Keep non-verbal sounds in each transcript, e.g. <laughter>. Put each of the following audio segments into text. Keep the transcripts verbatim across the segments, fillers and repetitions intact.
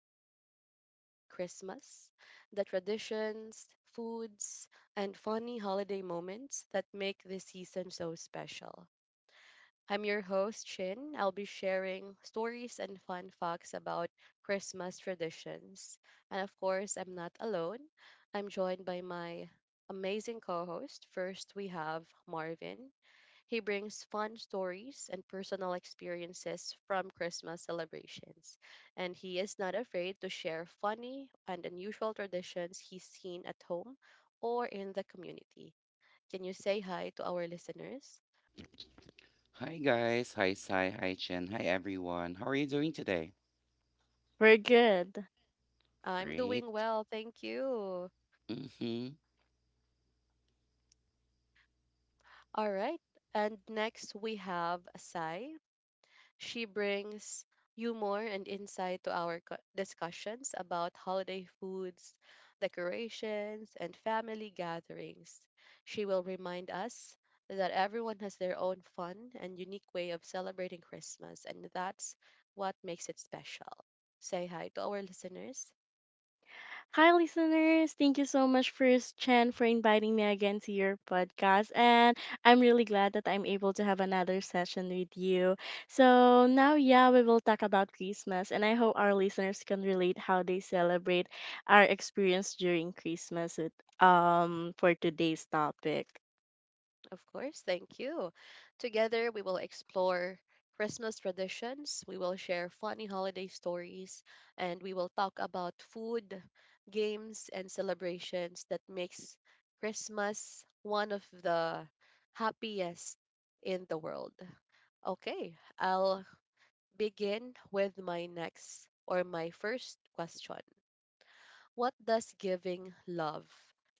we are talking about Christmas, the traditions, foods, and funny holiday moments that make this season so special. I'm your host, Chin. I'll be sharing stories and fun facts about Christmas traditions. And of course, I'm not alone. I'm joined by my amazing co host. First, we have Marvin. He brings fun stories and personal experiences from Christmas celebrations, and he is not afraid to share funny and unusual traditions he's seen at home or in the community. Can you say hi to our listeners? Hi guys, hi Sai, hi Chen, hi everyone. How are you doing today? We're good. I'm doing Great. well, thank you. Mm-hmm. All right, and next we have Sai. She brings humor and insight to our co- discussions about holiday foods, decorations, and family gatherings. She will remind us that everyone has their own fun and unique way of celebrating Christmas, and that's what makes it special. Say hi to our listeners. Hi, listeners. Thank you so much, First Chen, for inviting me again to your podcast. And I'm really glad that I'm able to have another session with you. So, now, yeah, we will talk about Christmas. And I hope our listeners can relate how they celebrate our experience during Christmas with, um, for today's topic. Of course, thank you. Together, we will explore Christmas traditions, we will share funny holiday stories, and we will talk about food, games, and celebrations that makes Christmas one of the happiest in the world. Okay, I'll begin with my next or my first question. What does giving love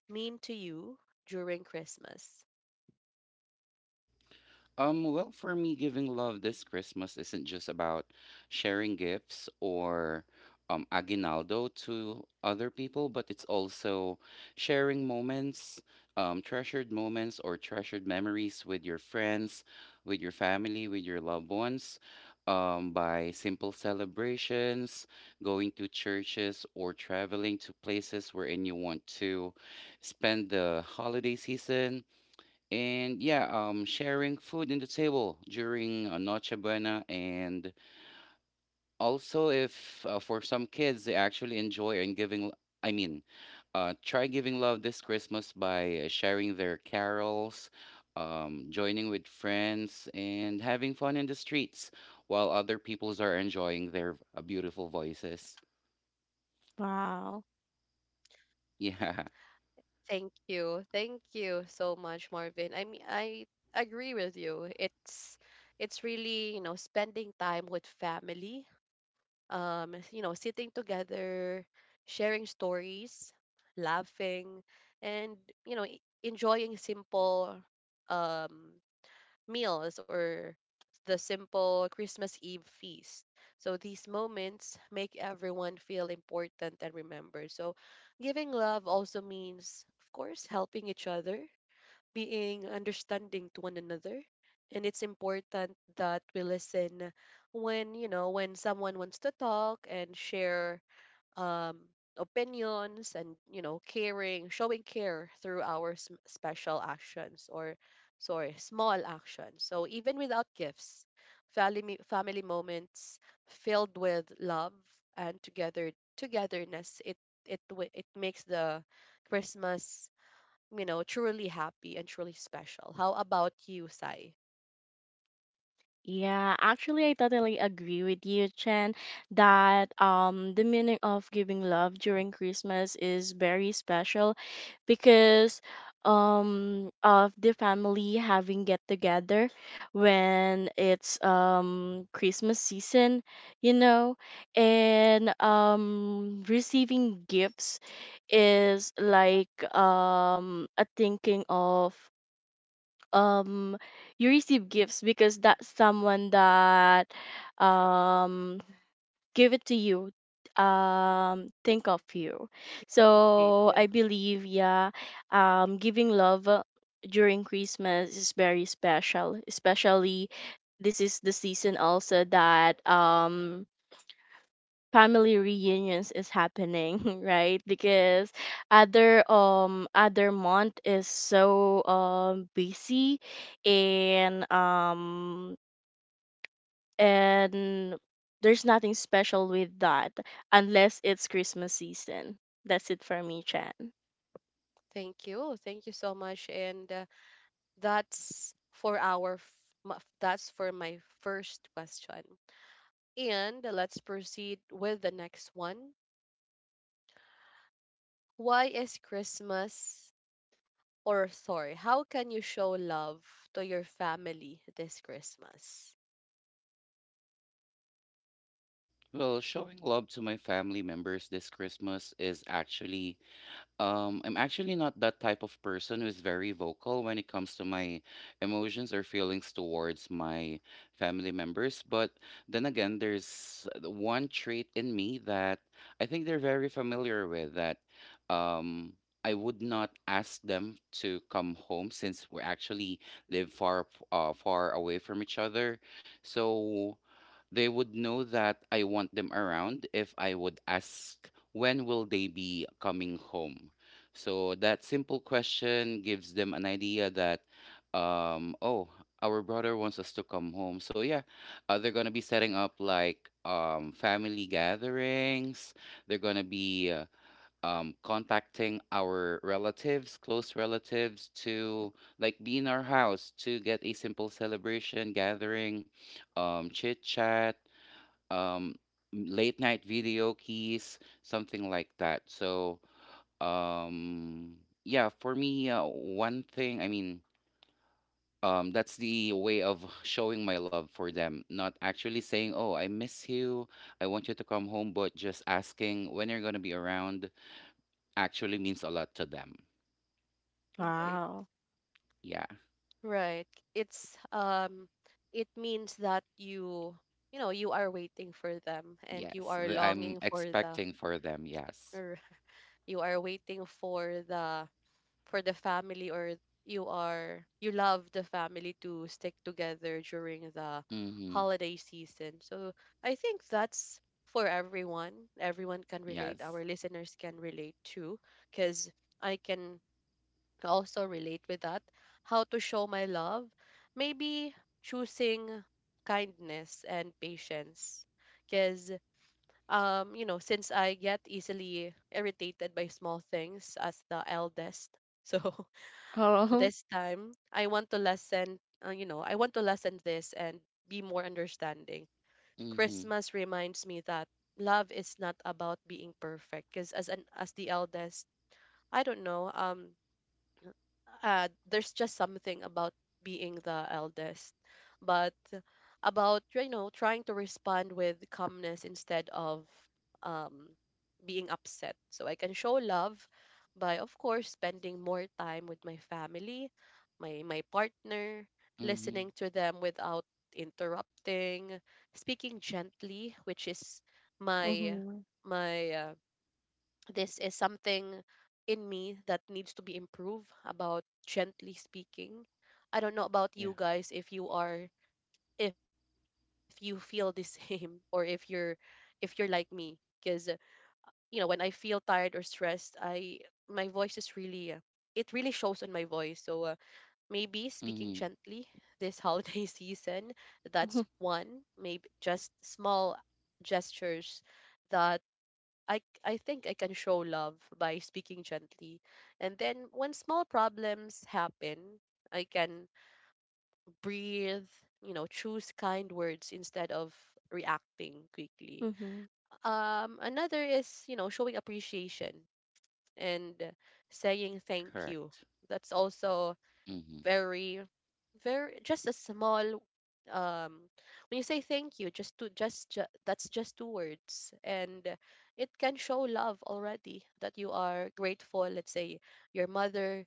mean to you during Christmas? Um, well, for me, giving love this Christmas isn't just about sharing gifts or um, aguinaldo to other people, but it's also sharing moments, um, treasured moments or treasured memories with your friends, with your family, with your loved ones, um, by simple celebrations, going to churches, or traveling to places wherein you want to spend the holiday season and yeah, um, sharing food in the table during uh, Noche Buena, and also if uh, for some kids they actually enjoy and giving, l- I mean, uh, try giving love this Christmas by uh, sharing their carols, um, joining with friends, and having fun in the streets while other peoples are enjoying their uh, beautiful voices. <laughs> Wow. Yeah. Thank you. Thank you so much, Marvin. I mean, I agree with you. It's it's really, you know, spending time with family, um, you know, sitting together, sharing stories, laughing, and, you know, e- enjoying simple um meals or the simple Christmas Eve feast. So these moments make everyone feel important and remembered. So giving love also means, of course, helping each other, being understanding to one another. And it's important that we listen when, you know, when someone wants to talk and share um, opinions, and you know, caring, showing care through our s- special actions, or sorry, small actions. So even without gifts, family family moments filled with love and together togetherness, it it wi- it makes the Christmas, you know, truly happy and truly special. How about you, Sai? Yeah, actually, I totally agree with you, Chen, that um, the meaning of giving love during Christmas is very special because um, of the family having get together when it's um, Christmas season, you know, and um, receiving gifts is like um, a thinking of um you receive gifts because that's someone that um give it to you, um think of you, Appreciate, so yeah. I believe. Yeah, um giving love uh, during Christmas is very special, especially this is the season also that um family reunions is happening <laughs> right? Because other, um other month is so um busy, and um and there's nothing special with that unless it's Christmas season. That's it for me, Chan. Thank you. Thank you so much, and uh, that's for our f- ma- that's for my first question. And let's proceed with the next one. Why is Christmas or sorry, how can you show love to your family this Christmas? Well, showing love to my family members this Christmas is actually Um, I'm actually not that type of person who is very vocal when it comes to my emotions or feelings towards my family members. But then again, there's the one trait in me that I think they're very familiar with, that um, I would not ask them to come home since we actually live far, ap- uh, far away from each other. So, they would know that I want them around if I would ask when will they be coming home. So that simple question gives them an idea that, um oh our brother wants us to come home. So yeah, uh, they're gonna be setting up like um family gatherings. They're gonna be uh, um contacting our relatives, close relatives, to like be in our house to get a simple celebration gathering, um chit chat, um late night video keys, something like that. So um yeah, for me, uh, one thing i mean um that's the way of showing my love for them, not actually saying, "Oh, I miss you, I want you to come home," but just asking when you're going to be around actually means a lot to them. Right. Wow. Yeah. Right. It's um, it means that you you know, you are waiting for them and you yes are th- I'm longing for the, expecting for them, yes. or you are waiting for the, for the family, or you, are you love the family to stick together during the Mhm. holiday season. So I think that's for everyone, everyone can relate, Yes. our listeners can relate too, because I can also relate with that. How to show my love: maybe choosing kindness and patience, because, um, you know, since I get easily irritated by small things as the eldest <laughs> so Oh. this time I want to lessen, uh, you know, I want to lessen this and be more understanding. Mhm. Christmas reminds me that love is not about being perfect, because as an as the eldest, I don't know, um uh, there's just something about being the eldest, but about, you know, trying to respond with calmness instead of um, being upset. So I can show love by, of course, spending more time with my family, my my partner, Mhm. listening to them without interrupting, speaking gently, which is <laughs> my Mm-hmm. my uh, this is something in me that needs to be improved about gently speaking. I don't know about you Yeah. guys if you are, if you feel the same <laughs> or if you're, if you're like me, because, you know, when I feel tired or stressed, I, my voice is really uh, it really shows on my voice. So uh, maybe speaking Mhm. gently this holiday <laughs> season, that's one, maybe just small gestures that I I think I can show love by speaking gently. And then when small problems happen, I can breathe, you know, choose kind words instead of reacting quickly. Mm-hmm. Um, another is, you know, showing appreciation and saying thank you. Correct. That's also Mhm. very, very, just a small, um, when you say thank you, just to just ju- that's just two words, and it can show love already that you are grateful. Let's say your mother,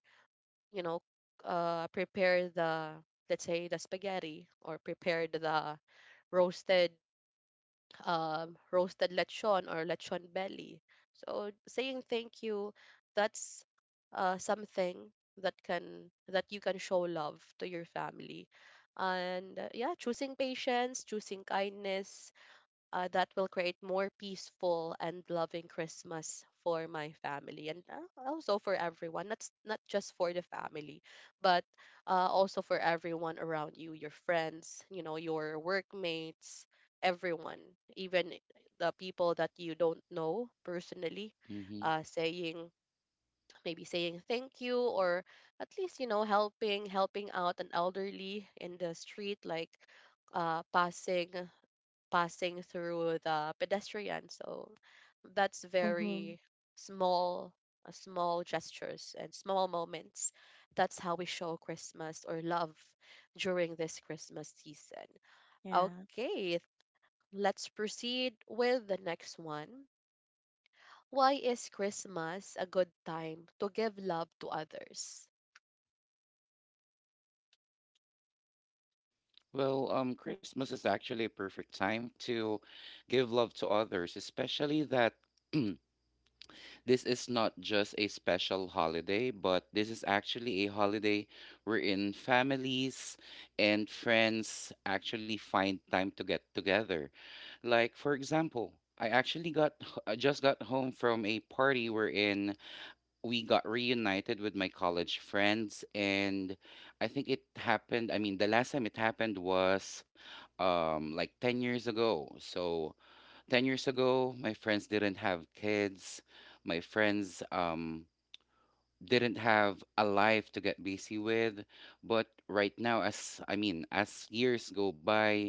you know, uh prepare the, let's say the spaghetti, or prepared the roasted, um, roasted lechon or lechon belly. So saying thank you, that's uh, something that can, that you can show love to your family, and uh, yeah, choosing patience, choosing kindness, uh, that will create more peaceful and loving Christmas for my family, and uh, also for everyone. Not s- not just for the family, but uh, also for everyone around you, your friends, you know, your workmates, everyone, even the people that you don't know personally, Mhm. uh, saying, maybe saying thank you, or at least, you know, helping, helping out an elderly in the street, like uh, passing, passing through the pedestrian. So that's Mm-hmm. very small, uh, small gestures and small moments. That's how we show Christmas or love during this Christmas season. Yeah. Okay, let's proceed with the next one. Why is Christmas a good time to give love to others? Well, um, Christmas is actually a perfect time to give love to others, especially that <clears throat> this is not just a special holiday, but this is actually a holiday wherein families and friends actually find time to get together. Like, for example, I actually got h- I just got home from a party wherein we got reunited with my college friends, and I think it happened I mean the last time it happened was um like ten years ago. So ten years ago, my friends didn't have kids, my friends um didn't have a life to get busy with, but right now, as I mean as years go by,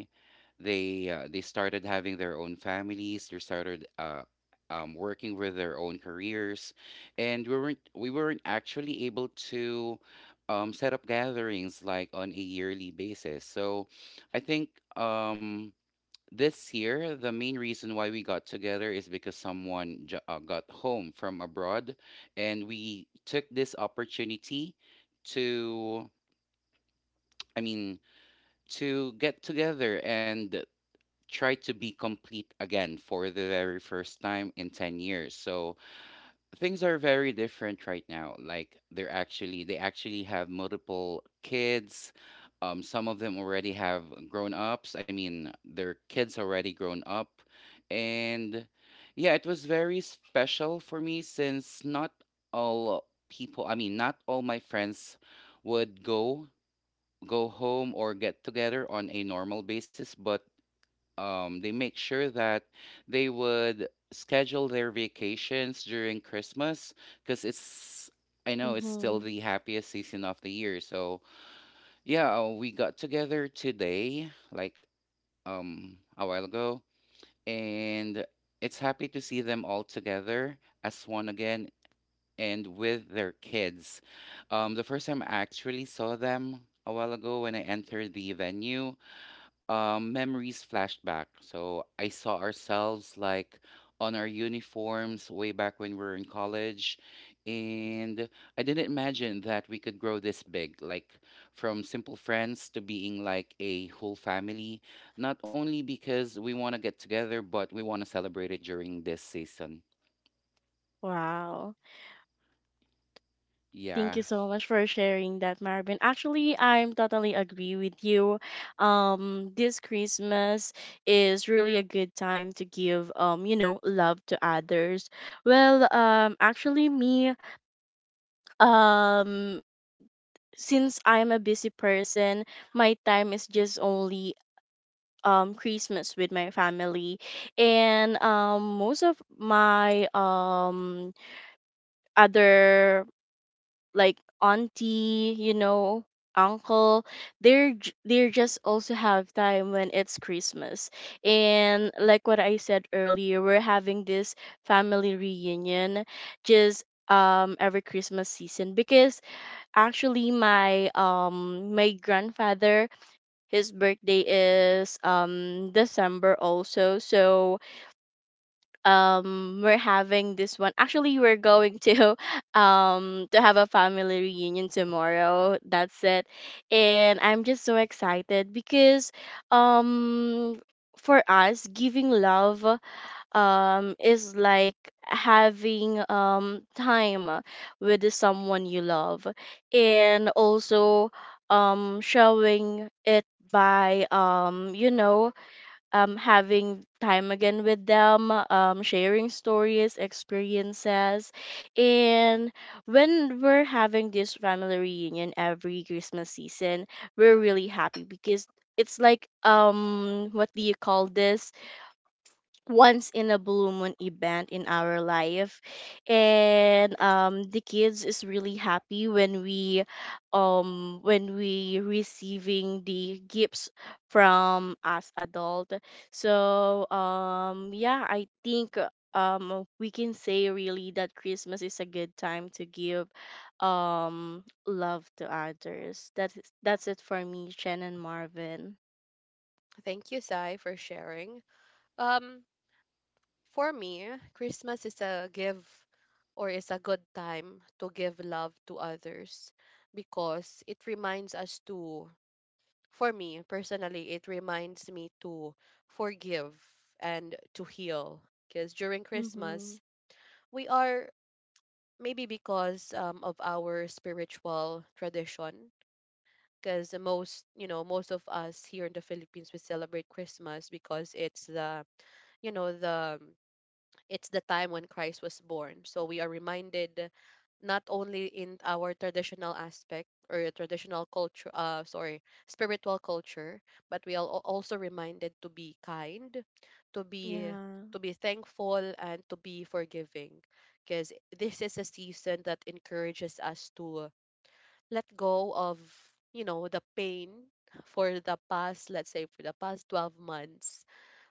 they uh, they started having their own families, they started uh, um, working with their own careers, and we weren't we weren't actually able to um, set up gatherings like on a yearly basis. So I think um this year, the main reason why we got together is because someone j- uh, got home from abroad, and we took this opportunity to, I mean, to get together and try to be complete again for the very first time in ten years. So things are very different right now. Like they're actually they actually have multiple kids. Um, some of them already have grown ups. I mean, their kids already grown up, and yeah, it was very special for me since not all people. I mean, not all my friends would go go home or get together on a normal basis, but um, they make sure that they would schedule their vacations during Christmas because it's — I know it's still Mm-hmm. the happiest season of the year. So yeah, uh, we got together today, like um a while ago, and it's happy to see them all together as one again and with their kids. Um, the first time I actually saw them a while ago when I entered the venue, um, memories flashback. So I saw ourselves like on our uniforms way back when we were in college. And I didn't imagine that we could grow this big, like from simple friends to being like a whole family, not only because we want to get together, but we want to celebrate it during this season. Wow. Thank you Yeah. so much for sharing that, Marvin. Actually, I'm totally agree with you. Um, this Christmas is really a good time to give, um, you know, love to others. Well, um, actually, me, um, since I'm a busy person, my time is just only um Christmas with my family, and um, most of my um other, like auntie, you know, uncle, they're j- they're just also have time when it's Christmas. And like what I said earlier, we're having this family reunion just um every Christmas season because actually my um my grandfather, his birthday is um December also. So um we're having this one. Actually, we're going to <laughs> um to have a family reunion tomorrow. That's it. And I'm just so excited because um for us, giving love um is like having um time with someone you love, and also um showing it by, um you know, um, having time again with them, um, sharing stories, experiences. And when we're having this family reunion every Christmas season, we're really happy because it's like, um what do you call this, once in a blue moon event in our life. And um the kids is really happy when we um when we receiving the gifts from us adult. So um yeah, I think um we can say really that Christmas is a good time to give um love to others. that's that's it for me, Chen and Marvin. Thank you, Sai, for sharing. Um, For me, Christmas is a give or is a good time to give love to others because it reminds us to, for me personally, it reminds me to forgive and to heal. Because during Mm-hmm. Christmas, we are, maybe because, um, of our spiritual tradition. Because most, you know, most of us here in the Philippines, we celebrate Christmas because it's the, you know, the it's the time when Christ was born. So we are reminded not only in our traditional aspect or traditional culture, uh, sorry, spiritual culture, but we are al- also reminded to be kind, to be, Yeah. to be thankful, and to be forgiving, because this is a season that encourages us to let go of, you know, the pain for the past, let's say for the past twelve months,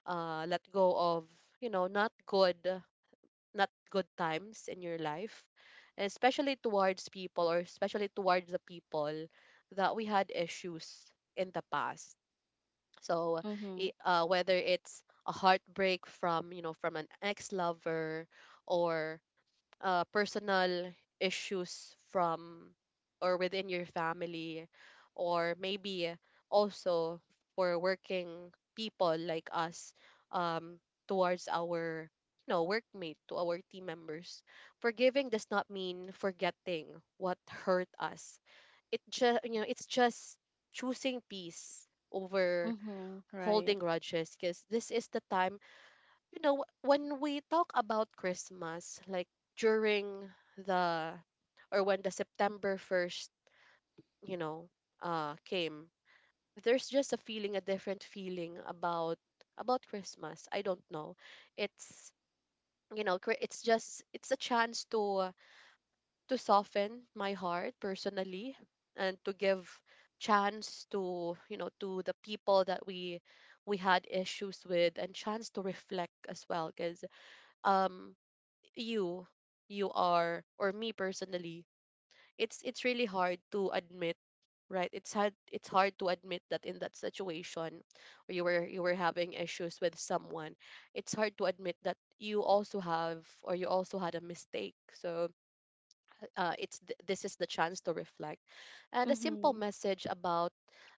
uh, let go of, you know, not good not good times in your life, especially towards people, or especially towards the people that we had issues in the past. So, Mm-hmm. i- uh, whether it's a heartbreak from, you know, from an ex lover, or uh, personal issues from, or within your family, or maybe also for working people like us, um, towards our, you know, workmate, to our team members. Forgiving does not mean forgetting what hurt us. It just, you know, it's just choosing peace over Mhm. Right. holding grudges. Because this is the time, you know, wh- when we talk about Christmas, like during the, or when the September first, you know, uh, came, there's just a feeling, a different feeling about about Christmas. I don't know. It's, you know, cri- it's just, it's a chance to to soften my heart personally, and to give chance to, you know, to the people that we we had issues with, and chance to reflect as well. Because, um, you you are, or me personally, it's it's really hard to admit, right? It's hard, it's hard to admit that in that situation, where you were, you were having issues with someone, it's hard to admit that you also have, or you also had a mistake. So uh, it's th- this is the chance to reflect, and a simple Mhm. message about,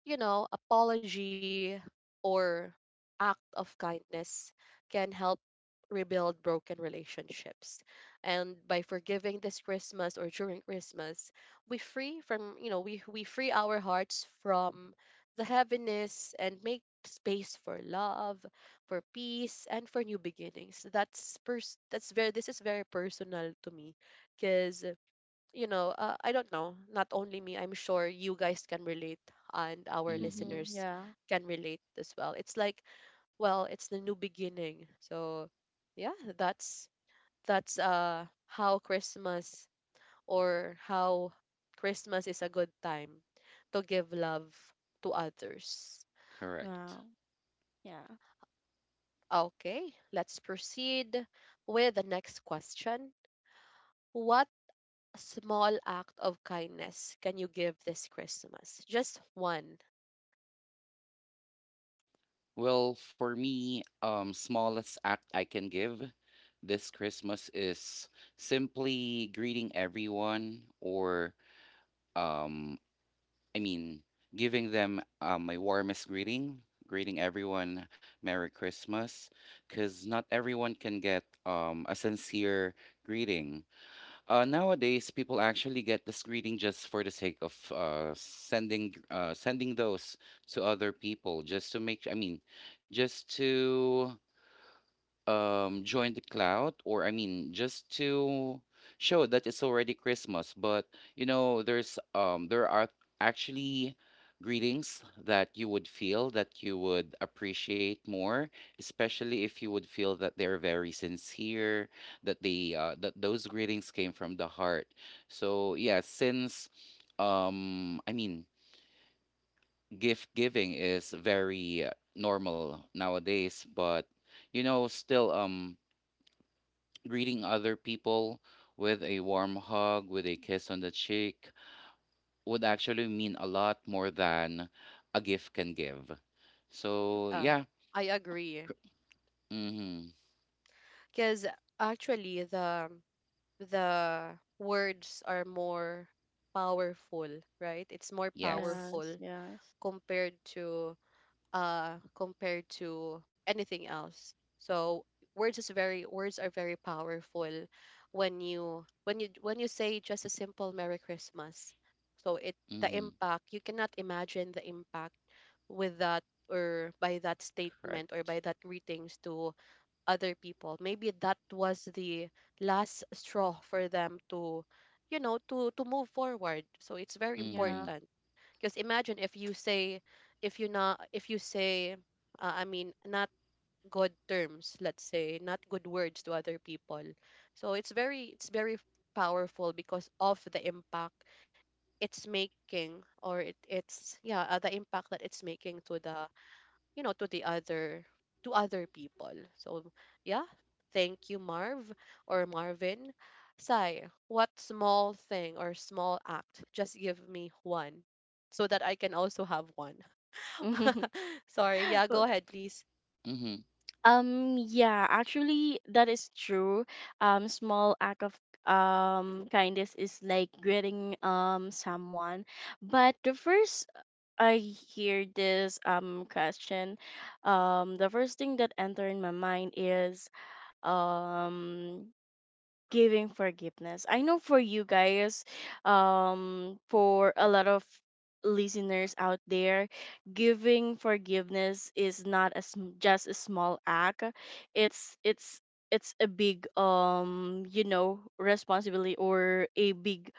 you know, apology, or act of kindness, can help rebuild broken relationships. And by forgiving this Christmas, or during Christmas, we free from, you know, we, we free our hearts from the heaviness, and make space for love, for peace, and for new beginnings. That's pers- that's very, this is very personal to me because, you know, uh, I don't know, not only me, I'm sure you guys can relate, and our Hmm. Mhm. listeners Yeah. can relate as well. It's like, well, it's the new beginning. So yeah, that's that's uh, how Christmas, or how Christmas is a good time to give love to others. Correct. Wow. Yeah. Okay, let's proceed with the next question. What small act of kindness can you give this Christmas? Just one. Well, for me, um, smallest act I can give this Christmas is simply greeting everyone, or um, I mean, giving them uh, my warmest greeting, greeting everyone Merry Christmas, because not everyone can get um, a sincere greeting. Uh, nowadays, people actually get this greeting just for the sake of uh, sending uh, sending those to other people, just to make. I mean, just to um join the cloud, or i mean just to show that it's already Christmas. But you know, there's um there are actually greetings that you would feel that you would appreciate more, especially if you would feel that they're very sincere, that they uh, that those greetings came from the heart. So yeah, since um i mean gift giving is very uh, normal nowadays, but you know, still um greeting other people with a warm hug, with a kiss on the cheek, would actually mean a lot more than a gift can give. So, Uh, yeah. I agree, Mm-hmm. because actually the the words are more powerful, right? It's more Yes. Yes. powerful Yes. compared to, uh, compared to anything else. So words is very, words are very powerful when you, when you when you say just a simple Merry Christmas. So it the Mm-hmm. impact, you cannot imagine the impact with that, or by that statement, or Correct. by that greetings to other people. Maybe that was the last straw for them to, you know, to to move forward. So it's very Mm-hmm. Yeah. important, because imagine if you say, if you not, if you say, uh, I mean, not good terms, let's say, not good words to other people. So it's very, it's very powerful because of the impact it's making or it, it's yeah uh, the impact that it's making to the you know to the other to other people. So yeah, thank you, marv or Marvin. Sai, what small thing or small act? Just give me one so that I can also have one. <laughs> <laughs> Sorry, yeah, go Uh, ahead please. Mm-hmm. Um, yeah, actually that is true. Um, small act of um kindness is like greeting um someone. But the first I hear this um question, um the first thing that enter in my mind is um giving forgiveness. I know for you guys, um, for a lot of listeners out there, giving forgiveness is not as just a small act. It's it's it's a big, um you know, responsibility, or a big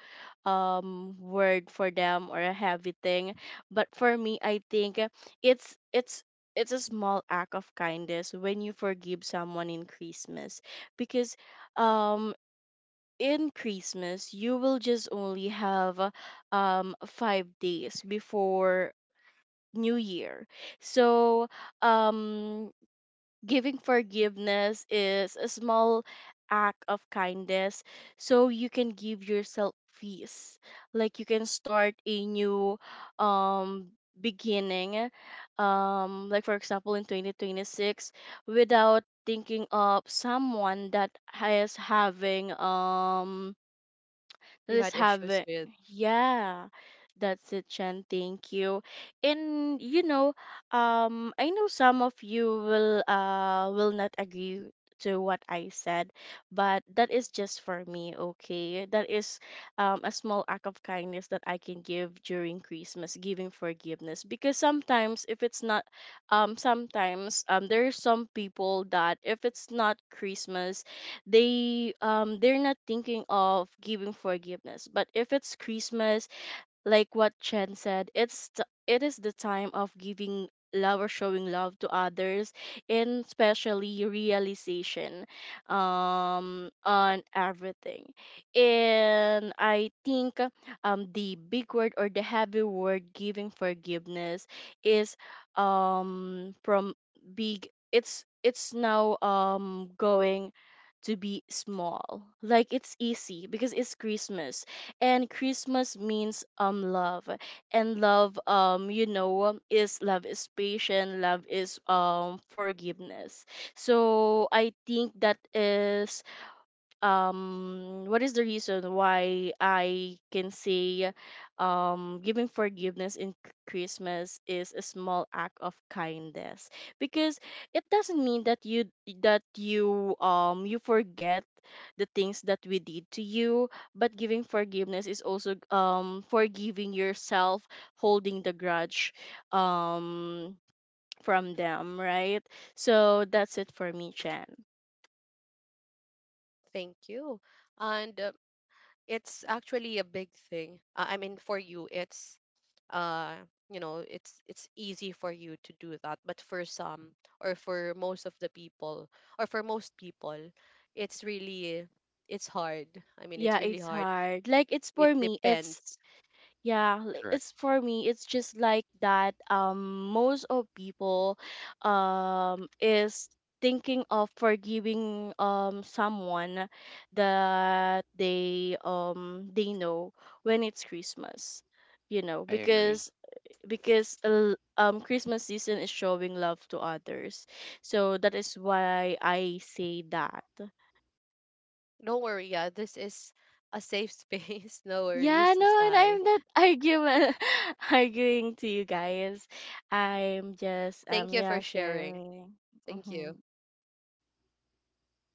um word for them, or a heavy thing. But for me, I think it's it's it's a small act of kindness when you forgive someone in Christmas because um in Christmas, you will just only have uh, um five days before New Year. So um giving forgiveness is a small act of kindness so you can give yourself peace. Like you can start a new um beginning, um like for example in twenty twenty-six, without thinking of someone that has having um. You had Let's have issues it. with... Yeah. That's it, Chen. Thank you. And you know, um, I know some of you will uh will not agree to what I said, but that is just for me, okay? That is um a small act of kindness that I can give during Christmas, giving forgiveness. Because sometimes if it's not um sometimes um there are some people that if it's not Christmas, they um they're not thinking of giving forgiveness. But if it's Christmas, like what Chen said, it's t- it is the time of giving love or showing love to others, and especially realization um on everything. And I think um the big word or the heavy word giving forgiveness is um from big, it's it's now um going to be small, like it's easy because it's Christmas. And Christmas means um love, and love, um you know, is, love is patient, love is um forgiveness. So I think that is um what is the reason why I can say um giving forgiveness in c- Christmas is a small act of kindness, because it doesn't mean that you, that you um you forget the things that we did to you, but giving forgiveness is also um forgiving yourself, holding the grudge, um from them, right? So that's it for me, Chen. Thank you. And uh, it's actually a big thing. Uh, I mean, for you, it's uh, you know, it's it's easy for you to do that, but for some or for most of the people or for most people, it's really it's hard. I mean, it's Yeah, really it's hard. hard. Like it's It for me, it's depends. yeah, li- it's Correct. for me, it's just like that, um most of people um is thinking of forgiving um someone that they um they know when it's Christmas. You know, I agree. because because uh, um Christmas season is showing love to others. So that is why I say that. Don't worry, yeah, this is a safe <laughs> space. No Yeah, worries, no, and Asai. I'm not arguing. <laughs> Arguing to you guys. Thank you I'm for just sharing. um yeah, Thank you. sharing. Mm-hmm.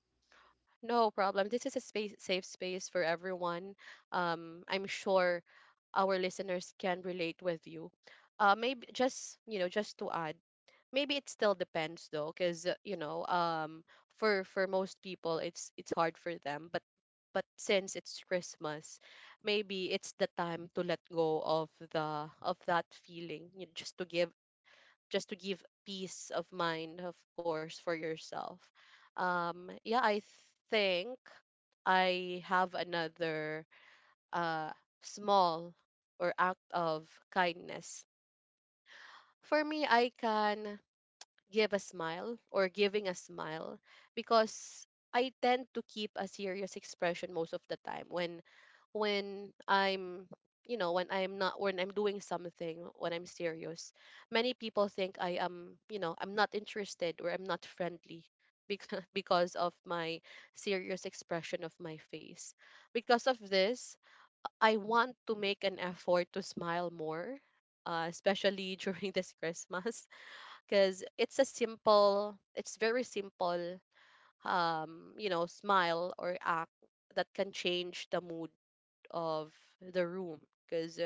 No problem. This is a space, safe space for everyone. Um, I'm sure our listeners can relate with you. Uh, maybe just you know, just to add, maybe it still depends though, because you know, um, for for most people, it's it's hard for them. But but since it's Christmas, maybe it's the time to let go of the of that feeling, you know, just to give just to give peace of mind, of course, for yourself. Um, yeah, I think I have another uh, small or act of kindness. For me, I can give a smile or giving a smile because I tend to keep a serious expression most of the time when when I'm you know when I'm not when I'm doing something, when I'm serious, many people think I am, you know, I'm not interested or I'm not friendly because <laughs> because of my serious expression of my face. Because of this, I want to make an effort to smile more, uh, especially <laughs> during this Christmas, because it's a simple, it's very simple, um you know, smile or act that can change the mood of the room, because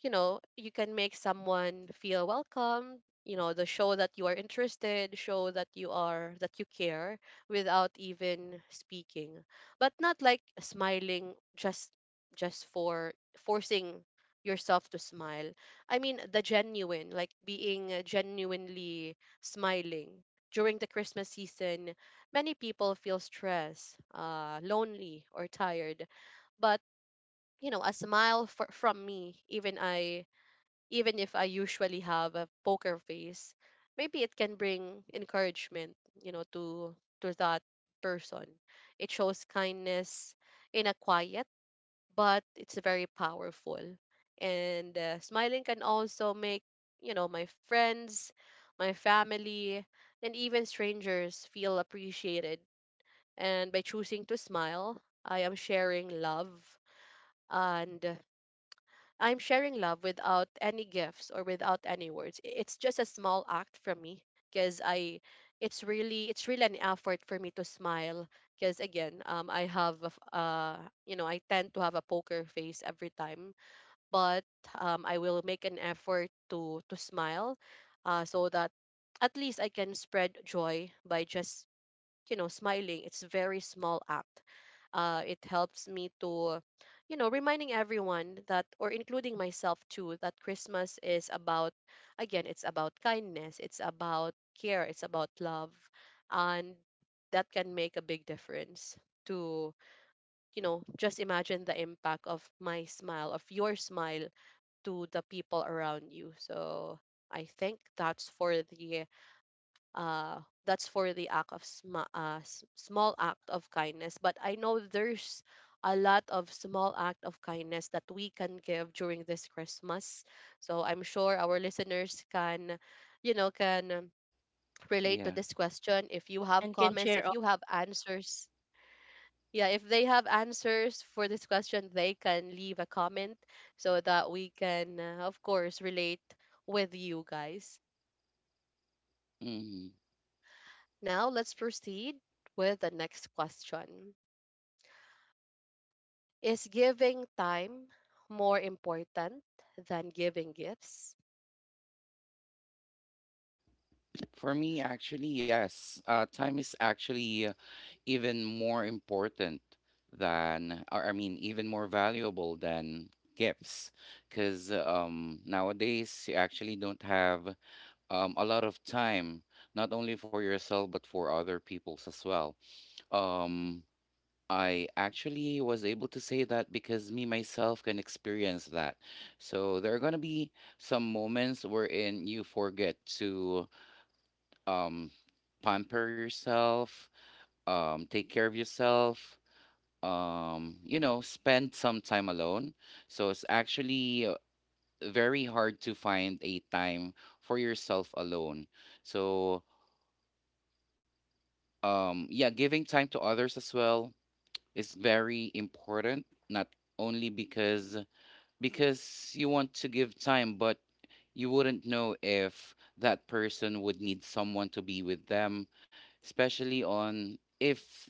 you know, you can make someone feel welcome, you know, the show that you are interested, show that you are that you care without even speaking. But not like smiling just just for forcing yourself to smile. I mean the genuine, like being uh, genuinely smiling. During the Christmas season, many people feel stressed, uh, lonely, or tired. But you know, a smile for, from me, even I even if I usually have a poker face, maybe it can bring encouragement, you know, to to that person. It shows kindness in a quiet, but it's very powerful. And uh, smiling can also make, you know, my friends, my family, and even strangers feel appreciated. And by choosing to smile, I am sharing love and I'm sharing love without any gifts or without any words. I- It's just a small act from me because I it's really it's really an effort for me to smile because again, um I have a f uh you know, I tend to have a poker face every time. But um I will make an effort to to smile, uh so that at least I can spread joy by just you know smiling. It's a very small act. uh, it helps me to you know reminding everyone that, or including myself too, that Christmas is about, again, it's about kindness, it's about care, it's about love. And that can make a big difference to, you know, just imagine the impact of my smile, of your smile, to the people around you. So I think that's for the uh, that's for the act of sma- uh, s- small act of kindness. But I know there's a lot of small act of kindness that we can give during this Christmas, so I'm sure our listeners can you know can um, relate to Yeah. this question. If you have And can comments, share if all. you have answers, yeah, if they have answers for this question, they can leave a comment so that we can, uh, of course, relate with you guys. Mm-hmm. Now let's proceed with the next question. Is giving time more important than giving gifts? For me, actually, yes. Uh, time is actually even more important than, or I mean, even more valuable than gifts. Because um, nowadays, you actually don't have um, a lot of time, not only for yourself, but for other people's as well. Um, I actually was able to say that because me myself can experience that. So there are going to be some moments wherein you forget to um, pamper yourself, um, take care of yourself, um, you know, spend some time alone. So it's actually uh, very hard to find a time for yourself alone. So, um, yeah, giving time to others as well is very important, not only because because you want to give time, but you wouldn't know if that person would need someone to be with them, especially on if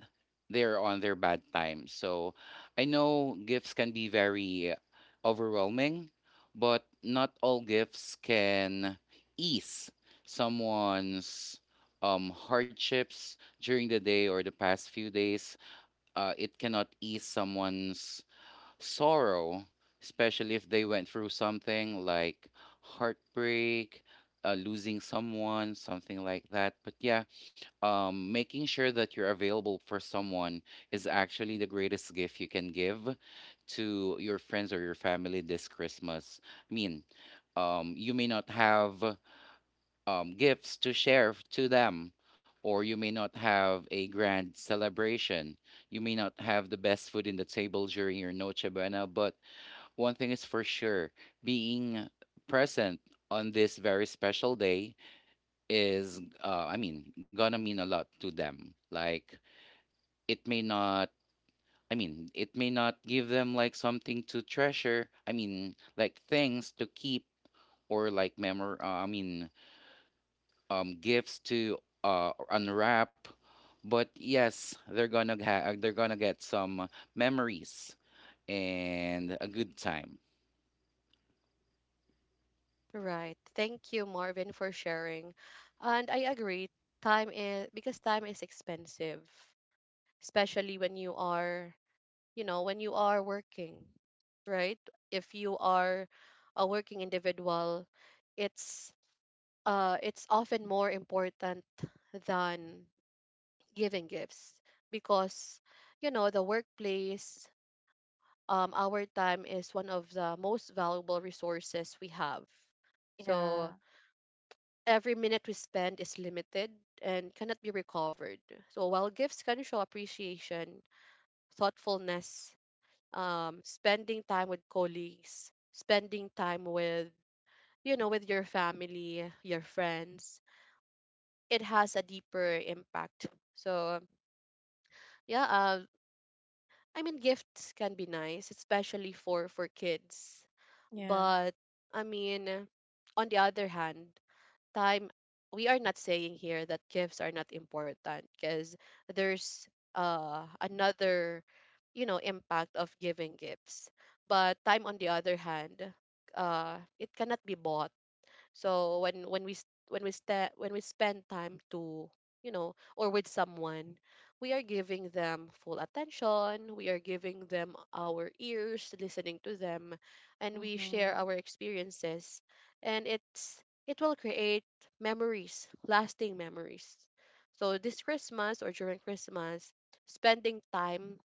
they're on their bad times. So I know gifts can be very overwhelming, but not all gifts can ease someone's um, hardships during the day or the past few days. Uh, it cannot ease someone's sorrow, especially if they went through something like heartbreak, uh, losing someone, something like that. But yeah, um, making sure that you're available for someone is actually the greatest gift you can give to your friends or your family this Christmas. I mean, um, you may not have um, gifts to share f- to them, or you may not have a grand celebration. You may not have the best food in the table during your Noche Buena, but one thing is for sure: being present on this very special day is, uh, I mean, gonna mean a lot to them. Like, it may not. I mean, it may not give them like something to treasure. I mean, like things to keep or like memory. Uh, I mean, um gifts to uh unwrap. But yes, they're gonna ha- they're gonna get some memories and a good time. Right. Thank you, Marvin, for sharing. And I agree. Time is, because time is expensive, especially when you are, you know, when you are working, right? If you are a working individual, it's uh it's often more important than giving gifts because you know the workplace, um our time is one of the most valuable resources we have. So Yeah, every minute we spend is limited and cannot be recovered. So while gifts can show appreciation, thoughtfulness, um spending time with colleagues, spending time with you know with your family, your friends, it has a deeper impact. So yeah, uh. I mean, gifts can be nice, especially for for kids. yeah. But I mean, on the other hand, time, we are not saying here that gifts are not important, because there's uh another you know impact of giving gifts. But time, on the other hand, uh it cannot be bought. So when when we s- when we sta when we spend time to you know, or with someone, we are giving them full attention. We are giving them our ears, listening to them, and we share Mm-hmm. our experiences. And it's it will create memories, lasting memories. So this Christmas, or during Christmas, spending time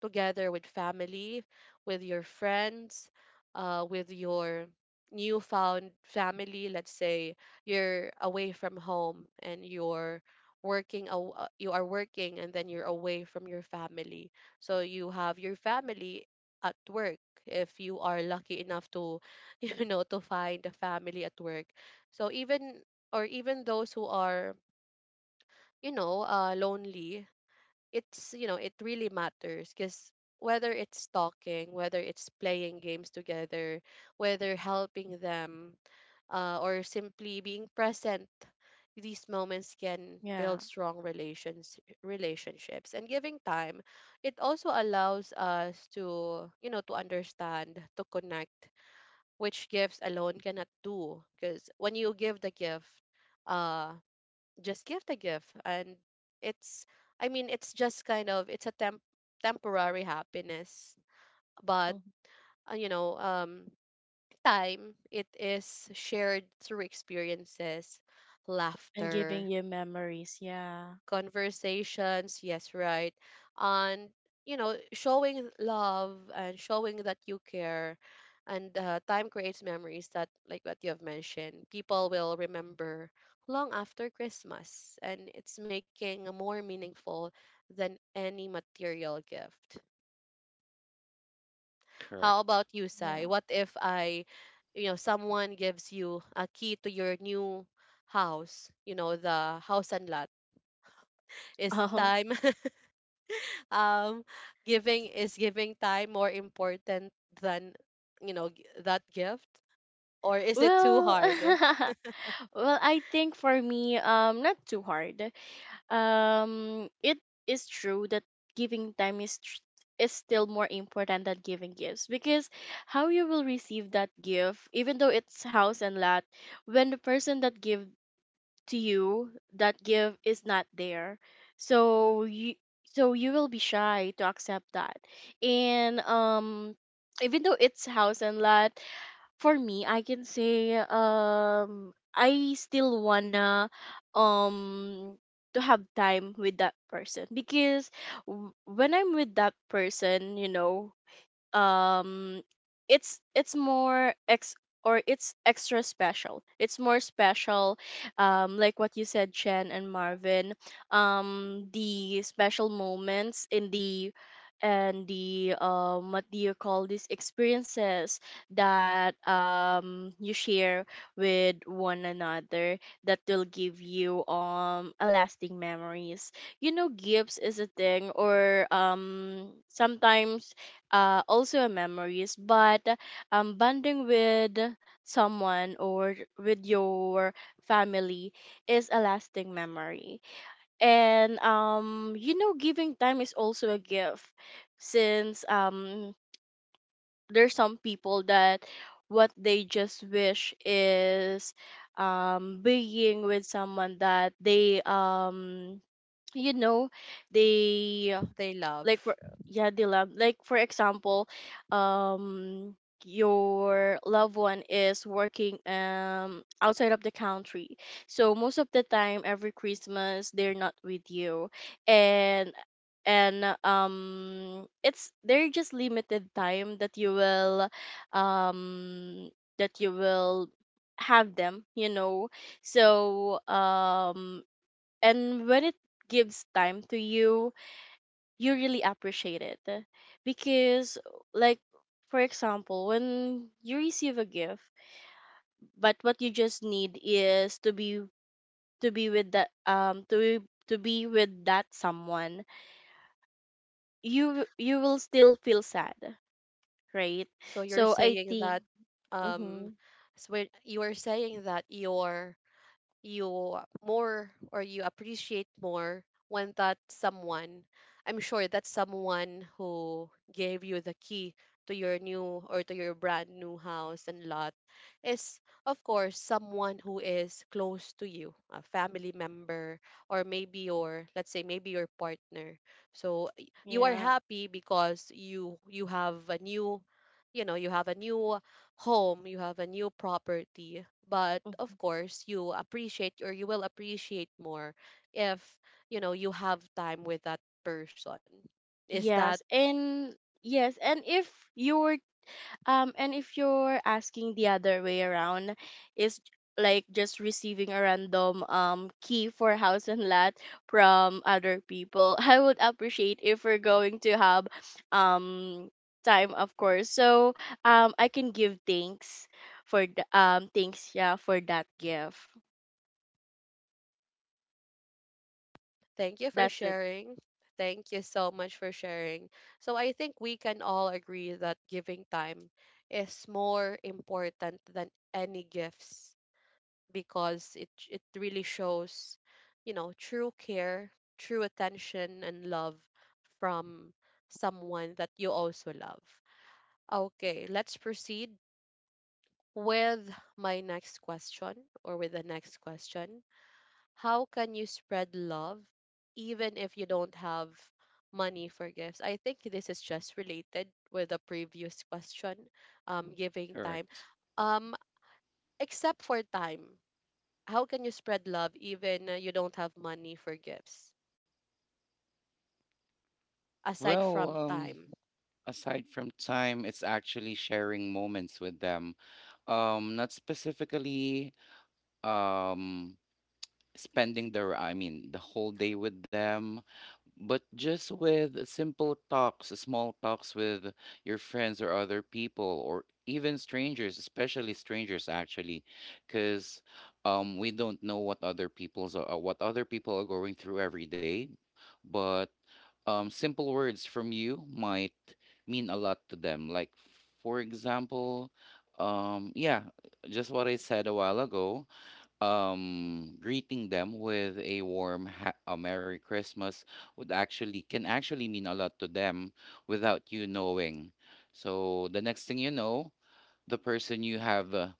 together with family, with your friends, uh, with your newfound family. Let's say you're away from home and you're working, aw- uh, you are working, and then you're away from your family. So you have your family at work, if you are lucky enough to <laughs> you know to find a family at work. So even or even those who are you know uh, lonely, it's you know, it really matters because whether it's talking, whether it's playing games together, whether helping them, uh, or simply being present, these moments can Yeah. build strong relations relationships. And giving time, it also allows us to you know to understand, to connect, which gifts alone cannot do. Because when you give the gift, uh just give the gift and it's, I mean, it's just kind of, it's a temp- temporary happiness. But Hmm. uh, you know um time, it is shared through experiences, And giving laughter, you memories, yeah. conversations. Yes, right. And, you know, showing love and showing that you care. And uh, time creates memories that, like what you have mentioned, people will remember long after Christmas. And it's making a more meaningful than any material gift. How Correct. about you, Sai? Yeah. What if I, you know, someone gives you a key to your new house, you know, the house and lot? Is Oh, time <laughs> um giving, is giving time more important than you know g- that gift? Or is it too well. hard? <laughs> Well, I think for me, um not too hard. Um, it is true that giving time is tr- is still more important than giving gifts because how you will receive that gift, even though it's house and lot, when the person that give to you that gift is not there, so you, so you will be shy to accept that, and um. Even though it's house and lot, for me, I can say um I still wanna um to have time with that person because w- when I'm with that person, you know, um it's it's more ex, or it's extra special, it's more special, um like what you said, Chen and Marvin, um the special moments in the, and the, um what do you call these, experiences that um you share with one another, that will give you um a lasting memories. You know, gifts is a thing, or um sometimes uh, also a memories, but um, bonding with someone, or with your family, is a lasting memory. And um, you know, giving time is also a gift, since um, there's some people that what they just wish is um, being with someone that they, um, you know, they, They like for love. yeah dilemma, like for example, um your loved one is working um outside of the country. So most of the time every Christmas they're not with you. And, and um it's, they're just limited time that you will um that you will have them, you know. So um and when it gives time to you, you really appreciate it because like for example when you receive a gift, but what you just need is to be, to be with that, um to to be with that someone, you you will still feel sad, right? So you're So I saying think, that um mhm, so you are saying that your you more, or you appreciate more when that someone, I'm sure that someone who gave you the key to your new, or to your brand new house and lot, is of course someone who is close to you, a family member, or maybe your, let's say maybe your partner. So y- you are yeah, happy because you you have a new, you know, you have a new home, you have a new property. But of mhm. course, you appreciate, or you will appreciate more if, you know, you have time with that person. Is that... Yes, and yes, and if you were, um, and if you're asking the other way around, is like just receiving a random um key for house and lot from other people. <laughs> I would appreciate if we're going to have um time, of course. So um, I can give thanks for the, um thanks yeah, for that gift. Thank you for That's it. sharing? Thank you so much for sharing. So I think we can all agree that giving time is more important than any gifts, because it it really shows, you know, true care, true attention and love from someone that you also love. Okay, let's proceed with my next question, or with the next question. How can you spread love even if you don't have money for gifts? I think this is just related with the previous question, um, giving time. Correct. Um, except for time, how can you spread love even uh, you don't have money for gifts aside Well, from um time? aside from time, it's actually sharing moments with them, um not specifically um spending the I mean the whole day with them, but just with simple talks, small talks with your friends or other people, or even strangers, especially strangers, actually, because um, we don't know what other people's are, what other people are going through every day. But um, simple words from you might mean a lot to them. Like, for example, um, yeah, just what I said a while ago, um greeting them with a warm ha- a merry Christmas would actually can actually mean a lot to them without you knowing. So the next thing you know, the person you have uh,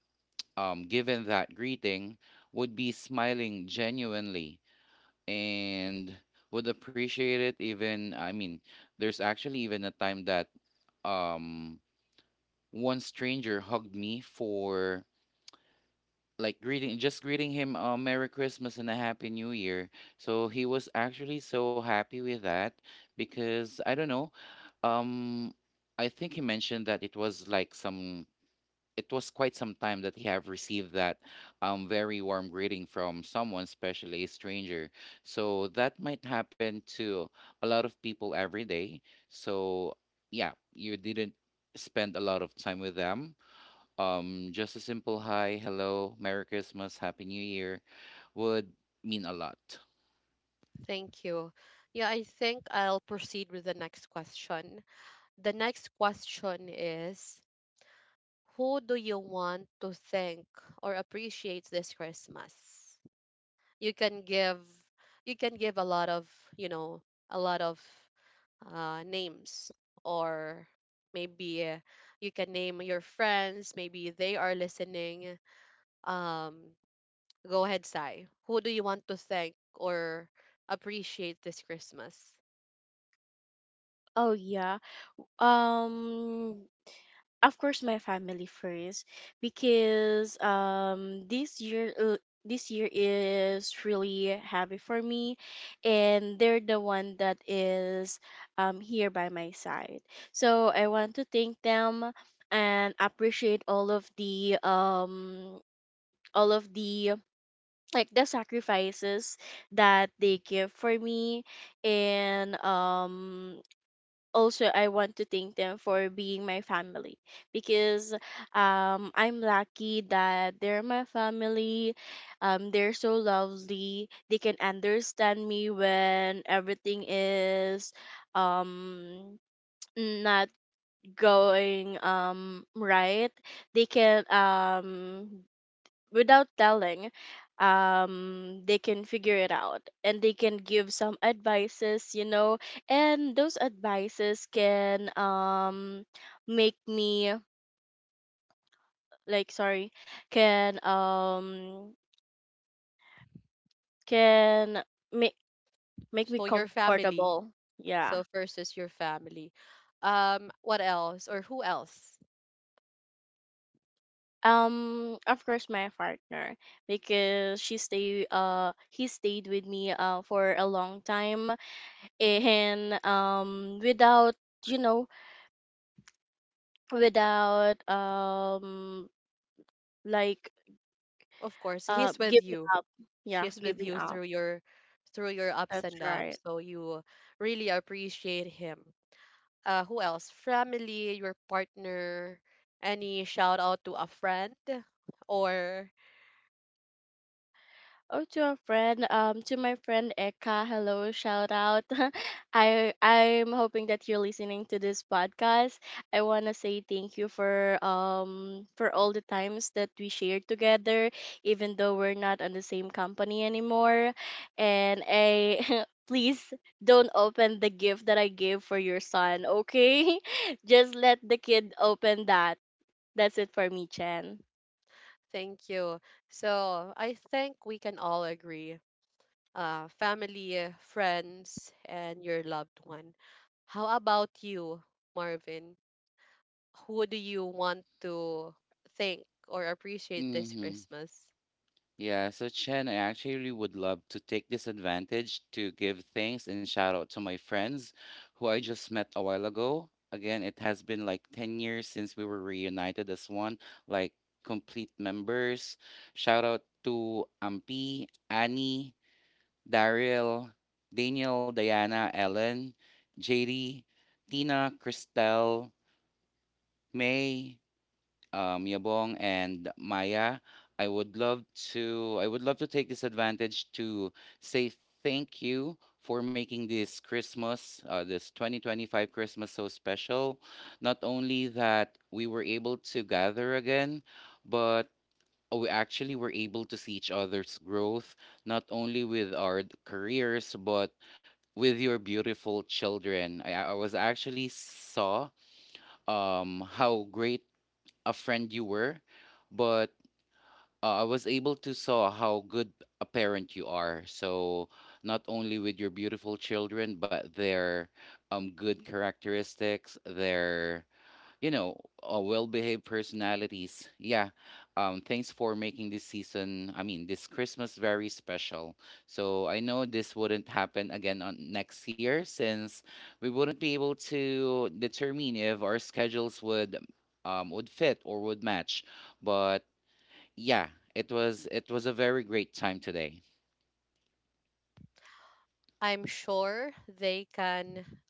um given that greeting would be smiling genuinely and would appreciate it. Even I mean There's actually even a time that um one stranger hugged me for like greeting just greeting him uh, Merry Christmas and a Happy New Year. So he was actually so happy with that, because I don't know, um I think he mentioned that it was like some it was quite some time that he have received that um very warm greeting from someone, especially a stranger. So that might happen to a lot of people every day. So yeah, you didn't spend a lot of time with them. Um, just a simple hi, hello, Merry Christmas, Happy New Year would mean a lot. Thank you. Yeah, I think I'll proceed with the next question. The next question is, who do you want to thank or appreciate this Christmas? You can give, you can give a lot of, you know, a lot of uh, names, or maybe uh, you can name your friends, maybe they are listening. um, Go ahead, Sai. Who do you want to thank or appreciate this Christmas? Oh yeah. Um of course, my family first, because um this year, uh, this year is really heavy for me, and they're the one that is um here by my side. So I want to thank them and appreciate all of the um all of the, like the sacrifices that they give for me. And um also I want to thank them for being my family, because um I'm lucky that they're my family. Um, they're so lovely. They can understand me when everything is um not going um right. They can um without telling, um they can figure it out, and they can give some advices, you know. And those advices can um make me, like, sorry, can, um can, make, make me So your family. comfortable. Yeah, So first is your family. Um, what else, or who else? um of course, my partner, because she stay, uh he stayed with me uh for a long time. And um without, you know, without um like Of course, uh he's with giving you. up. Yeah, He's with giving you up. through your, through your ups That's and right. downs. So you really appreciate him. Uh, who else? Family, your partner. Any shout out to a friend or... Oh, to a friend, um, to my friend Eka, hello, shout out. <laughs> I, I'm hoping that you're listening to this podcast. I wanna say thank you for um for all the times that we shared together, even though we're not on the same company anymore. And I, <laughs> please don't open the gift that I gave for your son, okay? <laughs> Just let the kid open that. That's it for me, Chen. Thank you. So I think we can all agree, uh, family, friends, and your loved one. How about you, Marvin? Who do you want to thank or appreciate this Mm-hmm. Christmas? Yeah, so Chen, I actually would love to take this advantage to give thanks and shout out to my friends who I just met a while ago. Again, it has been like ten years since we were reunited as one, like complete members. Shout out to Ampi, Annie, Daryl, Daniel, Diana, Ellen, J D, Tina, Christelle, May, um, Yabong, and Maya. I would love to I would love to take this advantage to say thank you for making this Christmas, uh, this twenty twenty-five Christmas so special. Not only that we were able to gather again, but we actually were able to see each other's growth, not only with our d- careers, but with your beautiful children. I, I I was actually saw um how great a friend you were, but uh, I was able to saw how good a parent you are. So not only with your beautiful children, but their um good characteristics, their you know, uh, well-behaved personalities. Yeah. Um, thanks for making this season, I mean, this Christmas very special. So I know this wouldn't happen again on next year since we wouldn't be able to determine if our schedules would um, would fit or would match. But yeah, it was it was a very great time today. I'm sure they can,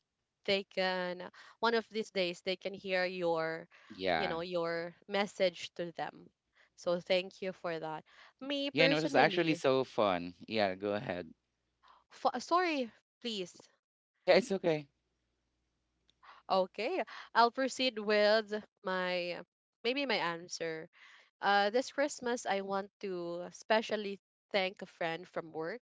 they can, one of these days they can hear your you Yeah. know your message to them. So thank you for that. Me Yeah, no, it was actually personally, so fun. Yeah, go ahead. f- sorry, please. Yeah, it's okay. Okay, I'll proceed with my maybe my answer. Uh, this Christmas, I want to especially thank a friend from work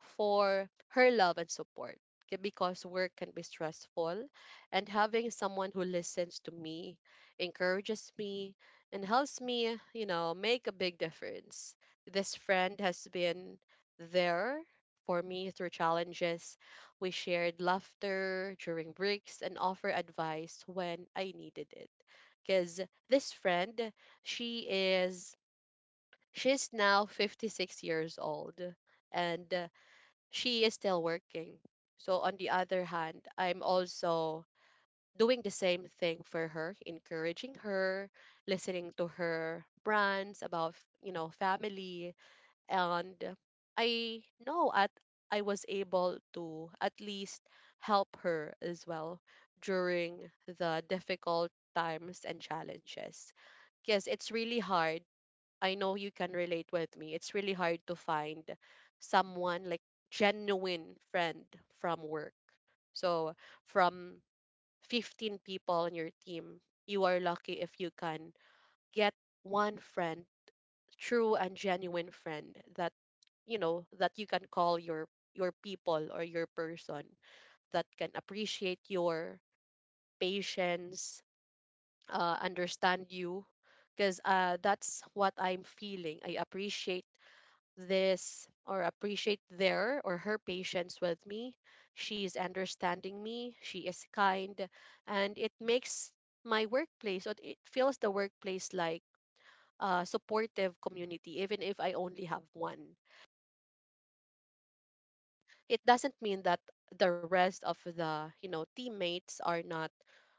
for her love and support. K- because work can be stressful. And having someone who listens to me, encourages me, and helps me, you know, make a big difference. This friend has been there for me through challenges. We shared laughter during breaks and offer advice when I needed it because this friend she is she's now fifty-six years old and uh, she is still working. So on the other hand, I'm also doing the same thing for her, encouraging her, listening to her brands about, you know, family. And i know at I was able to at least help her as well during the difficult times and challenges, because it's really hard. I know you can relate with me. It's really hard to find someone like genuine friend from work. So from fifteen people on your team, you are lucky if you can get one friend, true and genuine friend, that you know that you can call your your people or your person, that can appreciate your patience, uh, understand you, because uh, that's what I'm feeling. I appreciate this, or appreciate their, or her patience with me. She is understanding me, she is kind, and it makes my workplace, or it feels the workplace like a supportive community, even if I only have one. It doesn't mean that the rest of the, you know, teammates are not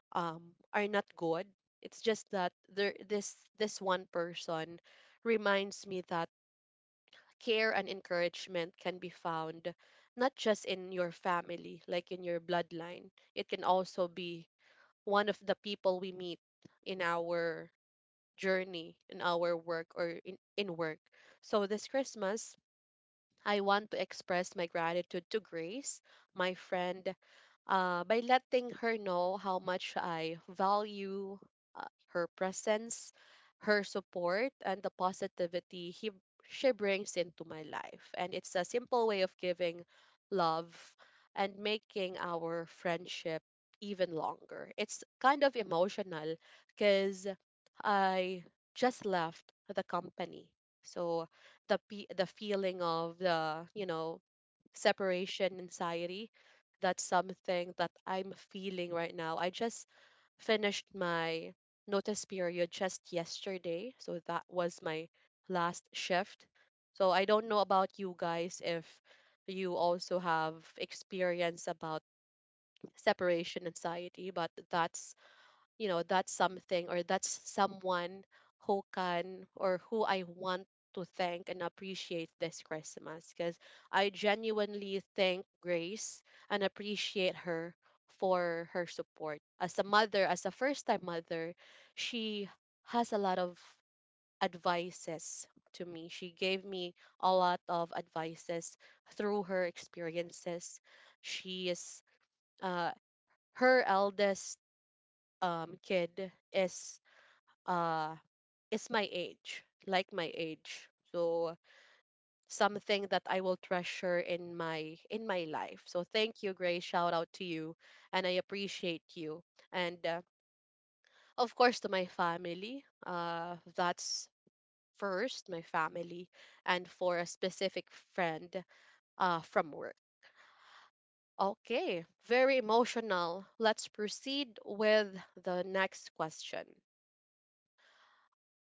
um are not good. It's just that there this this one person reminds me that care and encouragement can be found not just in your family, like in your bloodline. It can also be one of the people we meet in our journey, in our work, or in, in work. So this Christmas, I want to express my gratitude to Grace, my friend, uh, by letting her know how much I value uh, her presence, her support, and the positivity he, she brings into my life. And it's a simple way of giving love and making our friendship even longer. It's kind of emotional because I just left the company. So the pe- the feeling of the, you know, separation anxiety. That's something that I'm feeling right now. I just finished my notice period just yesterday. So that was my last shift. So I don't know about you guys if you also have experience about separation anxiety, but that's, you know, that's something, or that's someone who can, or who I want to thank and appreciate this Christmas, because I genuinely thank Grace and appreciate her for her support as a mother, as a first time mother. She has a lot of advices to me. She gave me a lot of advices through her experiences. She is uh her eldest um kid is uh, is my age, like my age. So something that I will treasure in my in my life. So thank you, Grace. Shout out to you, and I appreciate you. And uh, of course, to my family. Uh, that's first my family, and for a specific friend, uh, from work. Okay, very emotional. Let's proceed with the next question.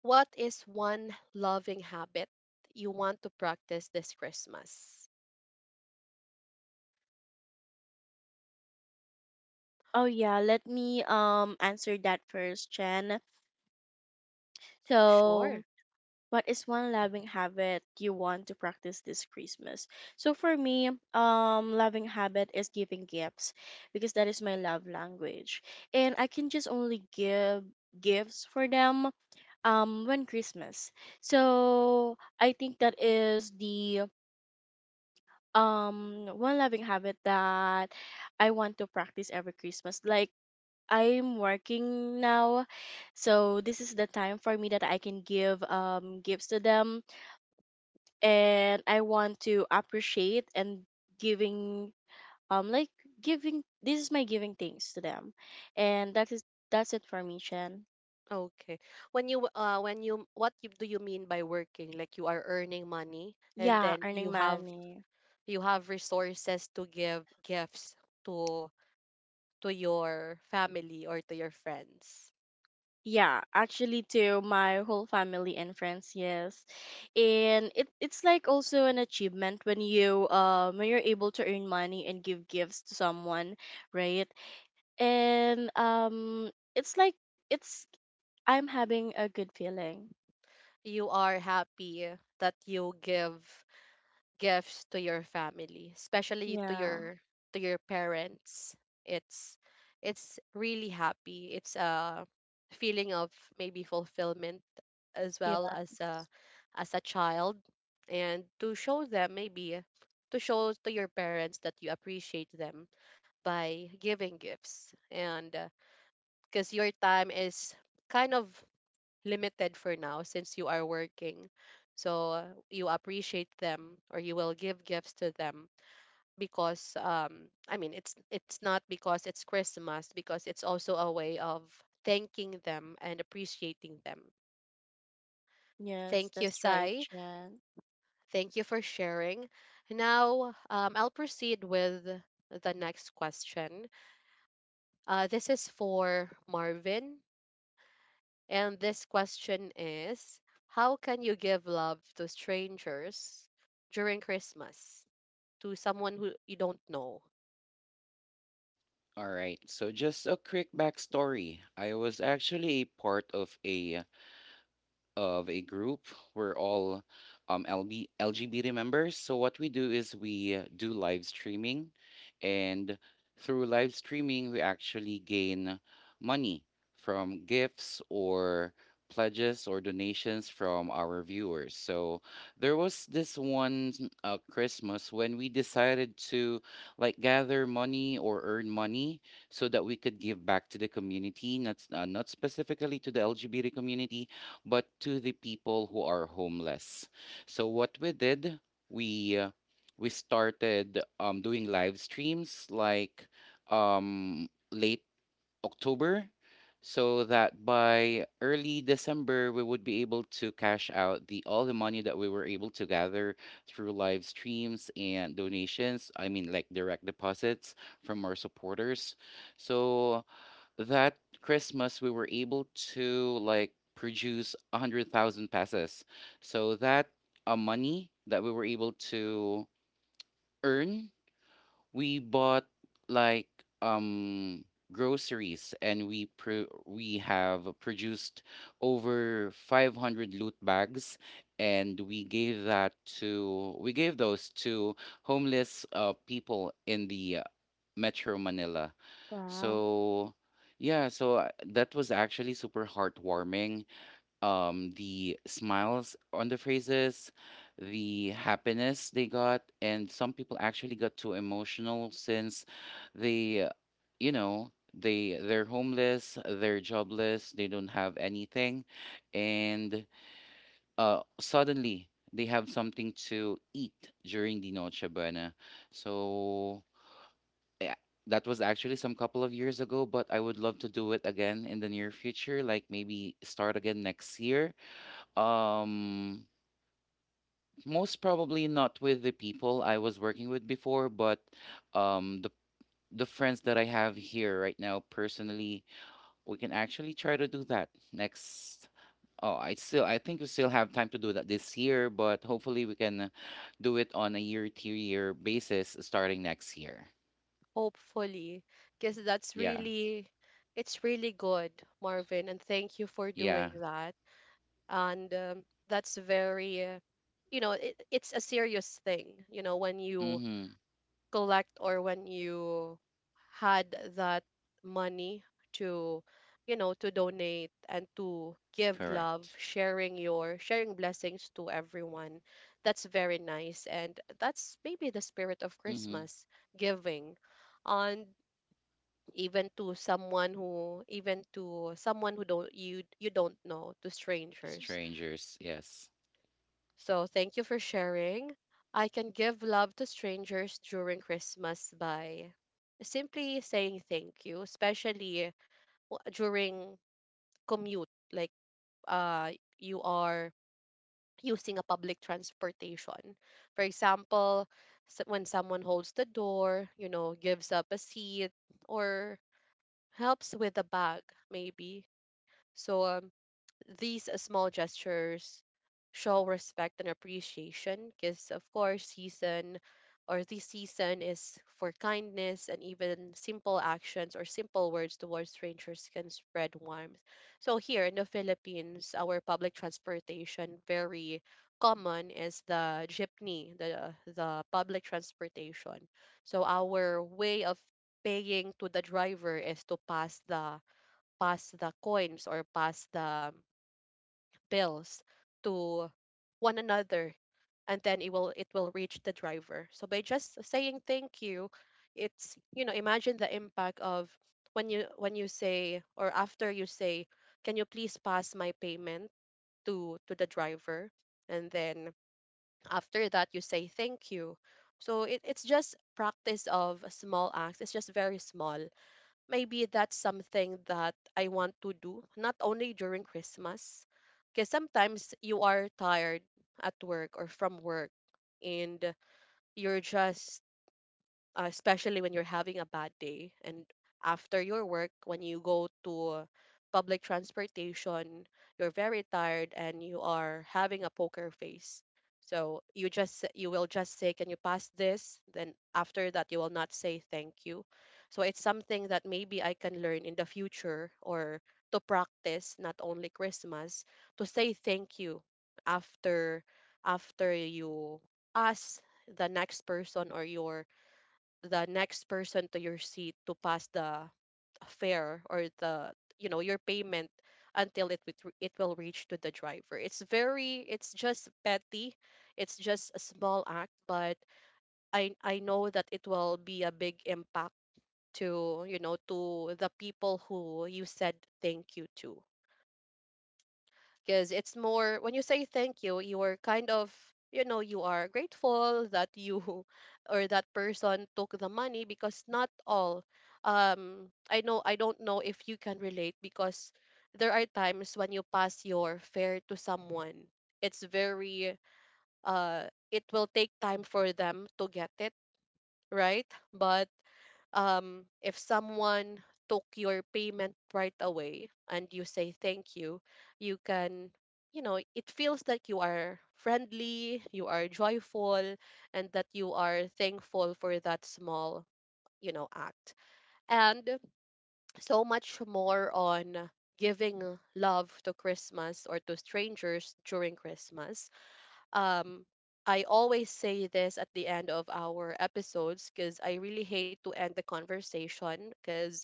What is one loving habit you want to practice this Christmas? Oh yeah, let me um answer that first, Chen. Sure. So, what is one loving habit you want to practice this Christmas? So for me, um, loving habit is giving gifts, because that is my love language, and I can just only give gifts for them um when Christmas. So I think that is the um one loving habit that I want to practice every Christmas. Like, I'm working now, so this is the time for me that I can give um gifts to them, and I want to appreciate and giving um like, giving, this is my giving things to them, and that is, that's it for me, Chen. Okay. When you uh when you what you, do you mean by working? Like you are earning money and Yeah, then earning you have money. you have resources to give gifts to to your family or to your friends. Yeah, actually to my whole family and friends, yes. And it, it's like also an achievement when you um when you're able to earn money and give gifts to someone, right? and um it's like, it's, I'm having a good feeling. You are happy that you give gifts to your family, especially to Yeah. your to your parents. It's it's really happy. It's a feeling of maybe fulfillment as well Yeah. as a as a child, and to show them, maybe to show to your parents, that you appreciate them by giving gifts, and because your time is kind of limited for now since you are working. So, uh, you appreciate them or you will give gifts to them because, um I mean, it's it's not because it's Christmas, because it's also a way of thanking them and appreciating them. Yes, Thank you, that's right, Sai. Jen. Thank you for sharing. Now, um, I'll proceed with the next question. Uh, this is for Marvin. And this question is: how can you give love to strangers during Christmas? To someone who you don't know? All right. So just a quick backstory. I was actually part of a of a group. We're all um, L B, L G B T members. So what we do is we uh, do live streaming, and through live streaming, we actually gain money from gifts or pledges or donations from our viewers. So there was this one uh, Christmas when we decided to like gather money or earn money so that we could give back to the community, not s- uh, not specifically to the L G B T community, but to the people who are homeless. So what we did, we uh, we started um, doing live streams like um, late October, so that by early December we would be able to cash out the all the money that we were able to gather through live streams and donations. I mean, like direct deposits from our supporters. So that Christmas we were able to like produce a hundred thousand pesos. So that uh, money that we were able to earn, we bought like um groceries and we pro- we have produced over five hundred loot bags and we gave that to we gave those to homeless uh, people in the Metro Manila. Wow. So, yeah, so uh, that was actually super heartwarming. Um, the smiles on the faces, the happiness they got, and some people actually got too emotional since they, uh, you know, they they're homeless, they're jobless, they don't have anything, and uh, suddenly they have something to eat during the Noche Buena. So yeah, that was actually some couple of years ago, but I would love to do it again in the near future, like maybe start again next year. Um, most probably not with the people I was working with before, but um, the the friends that I have here right now personally, we can actually try to do that next. Oh, I still I think we still have time to do that this year, but hopefully we can do it on a year to year basis starting next year. Hopefully. Because that's Yeah. really, it's really good, Marvin. And thank you for Yeah. doing that. And um, that's very, uh, you know, it, it's a serious thing, you know, when you Mm-hmm. collect or when you had that money to, you know, to donate and to give love, Correct. sharing your sharing blessings to everyone. That's very nice, and that's maybe the spirit of Mm-hmm. Christmas, giving, and even to someone who, even to someone who don't, you you don't know, to strangers. Strangers, yes. So thank you for sharing. I can give love to strangers during Christmas by simply saying thank you, especially w- during commute, like uh you are using a public transportation. For example, s- when someone holds the door, you know, gives up a seat or helps with a bag maybe. So, um, these uh, small gestures show respect and appreciation, because of course season, or this season, is for kindness, and even simple actions or simple words towards strangers can spread warmth. So here in the Philippines, our public transportation, very common, is the jeepney, the the public transportation. So our way of paying to the driver is to pass the pass the coins, or pass the bills to one another, and then it will it will reach the driver. So by just saying thank you, it's, you know, imagine the impact of when you, when you say, or after you say, can you please pass my payment to to the driver, and then after that you say thank you. So it, it's just practice of small acts. It's just very small. Maybe that's something that I want to do, not only during Christmas, because sometimes you are tired at work or from work, and you're just, uh, especially when you're having a bad day, and after your work when you go to public transportation, you're very tired and you are having a poker face. So you just you will just say, can you pass this, then after that you will not say thank you. So it's something that maybe I can learn in the future, or to practice not only Christmas, to say thank you after after you ask the next person, or your the next person to your seat, to pass the fare, or the, you know, your payment, until it with, it will reach to the driver. It's very, it's just petty, it's just a small act, but i i know that it will be a big impact to, you know, to the people who you said thank you to. Because it's more, when you say thank you, you're kind of, you know, you are grateful that you <laughs> or that person took the money, because not all, um I know, I don't know if you can relate, because there are times when you pass your fare to someone, it's very, uh it will take time for them to get it, right? But, um, if someone took your payment right away and you say thank you, you can, you know, it feels like you are friendly, you are joyful, and that you are thankful for that small, you know, act. And so much more on giving love to Christmas, or to strangers during Christmas. um I always say this at the end of our episodes, because I really hate to end the conversation because,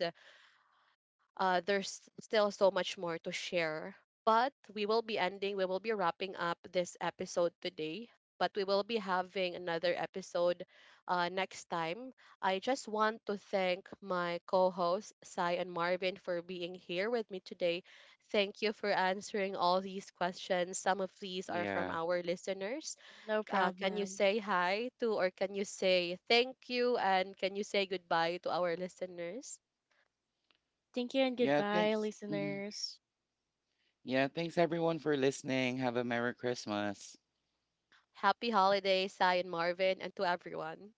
uh, there's still so much more to share. But we will be ending, we will be wrapping up this episode today. But we will be having another episode, uh, next time. I just want to thank my co hosts, Sai and Marvin, for being here with me today. Thank you for answering all these questions. Some of these are from Yeah. our listeners. No uh, can you problem. say hi to, or can you say thank you, and can you say goodbye to our listeners? Thank you and Yeah, goodbye, thanks. Hmm. listeners. Yeah, thanks everyone for listening. Have a Merry Christmas. Happy holidays, Sai and Marvin, and to everyone.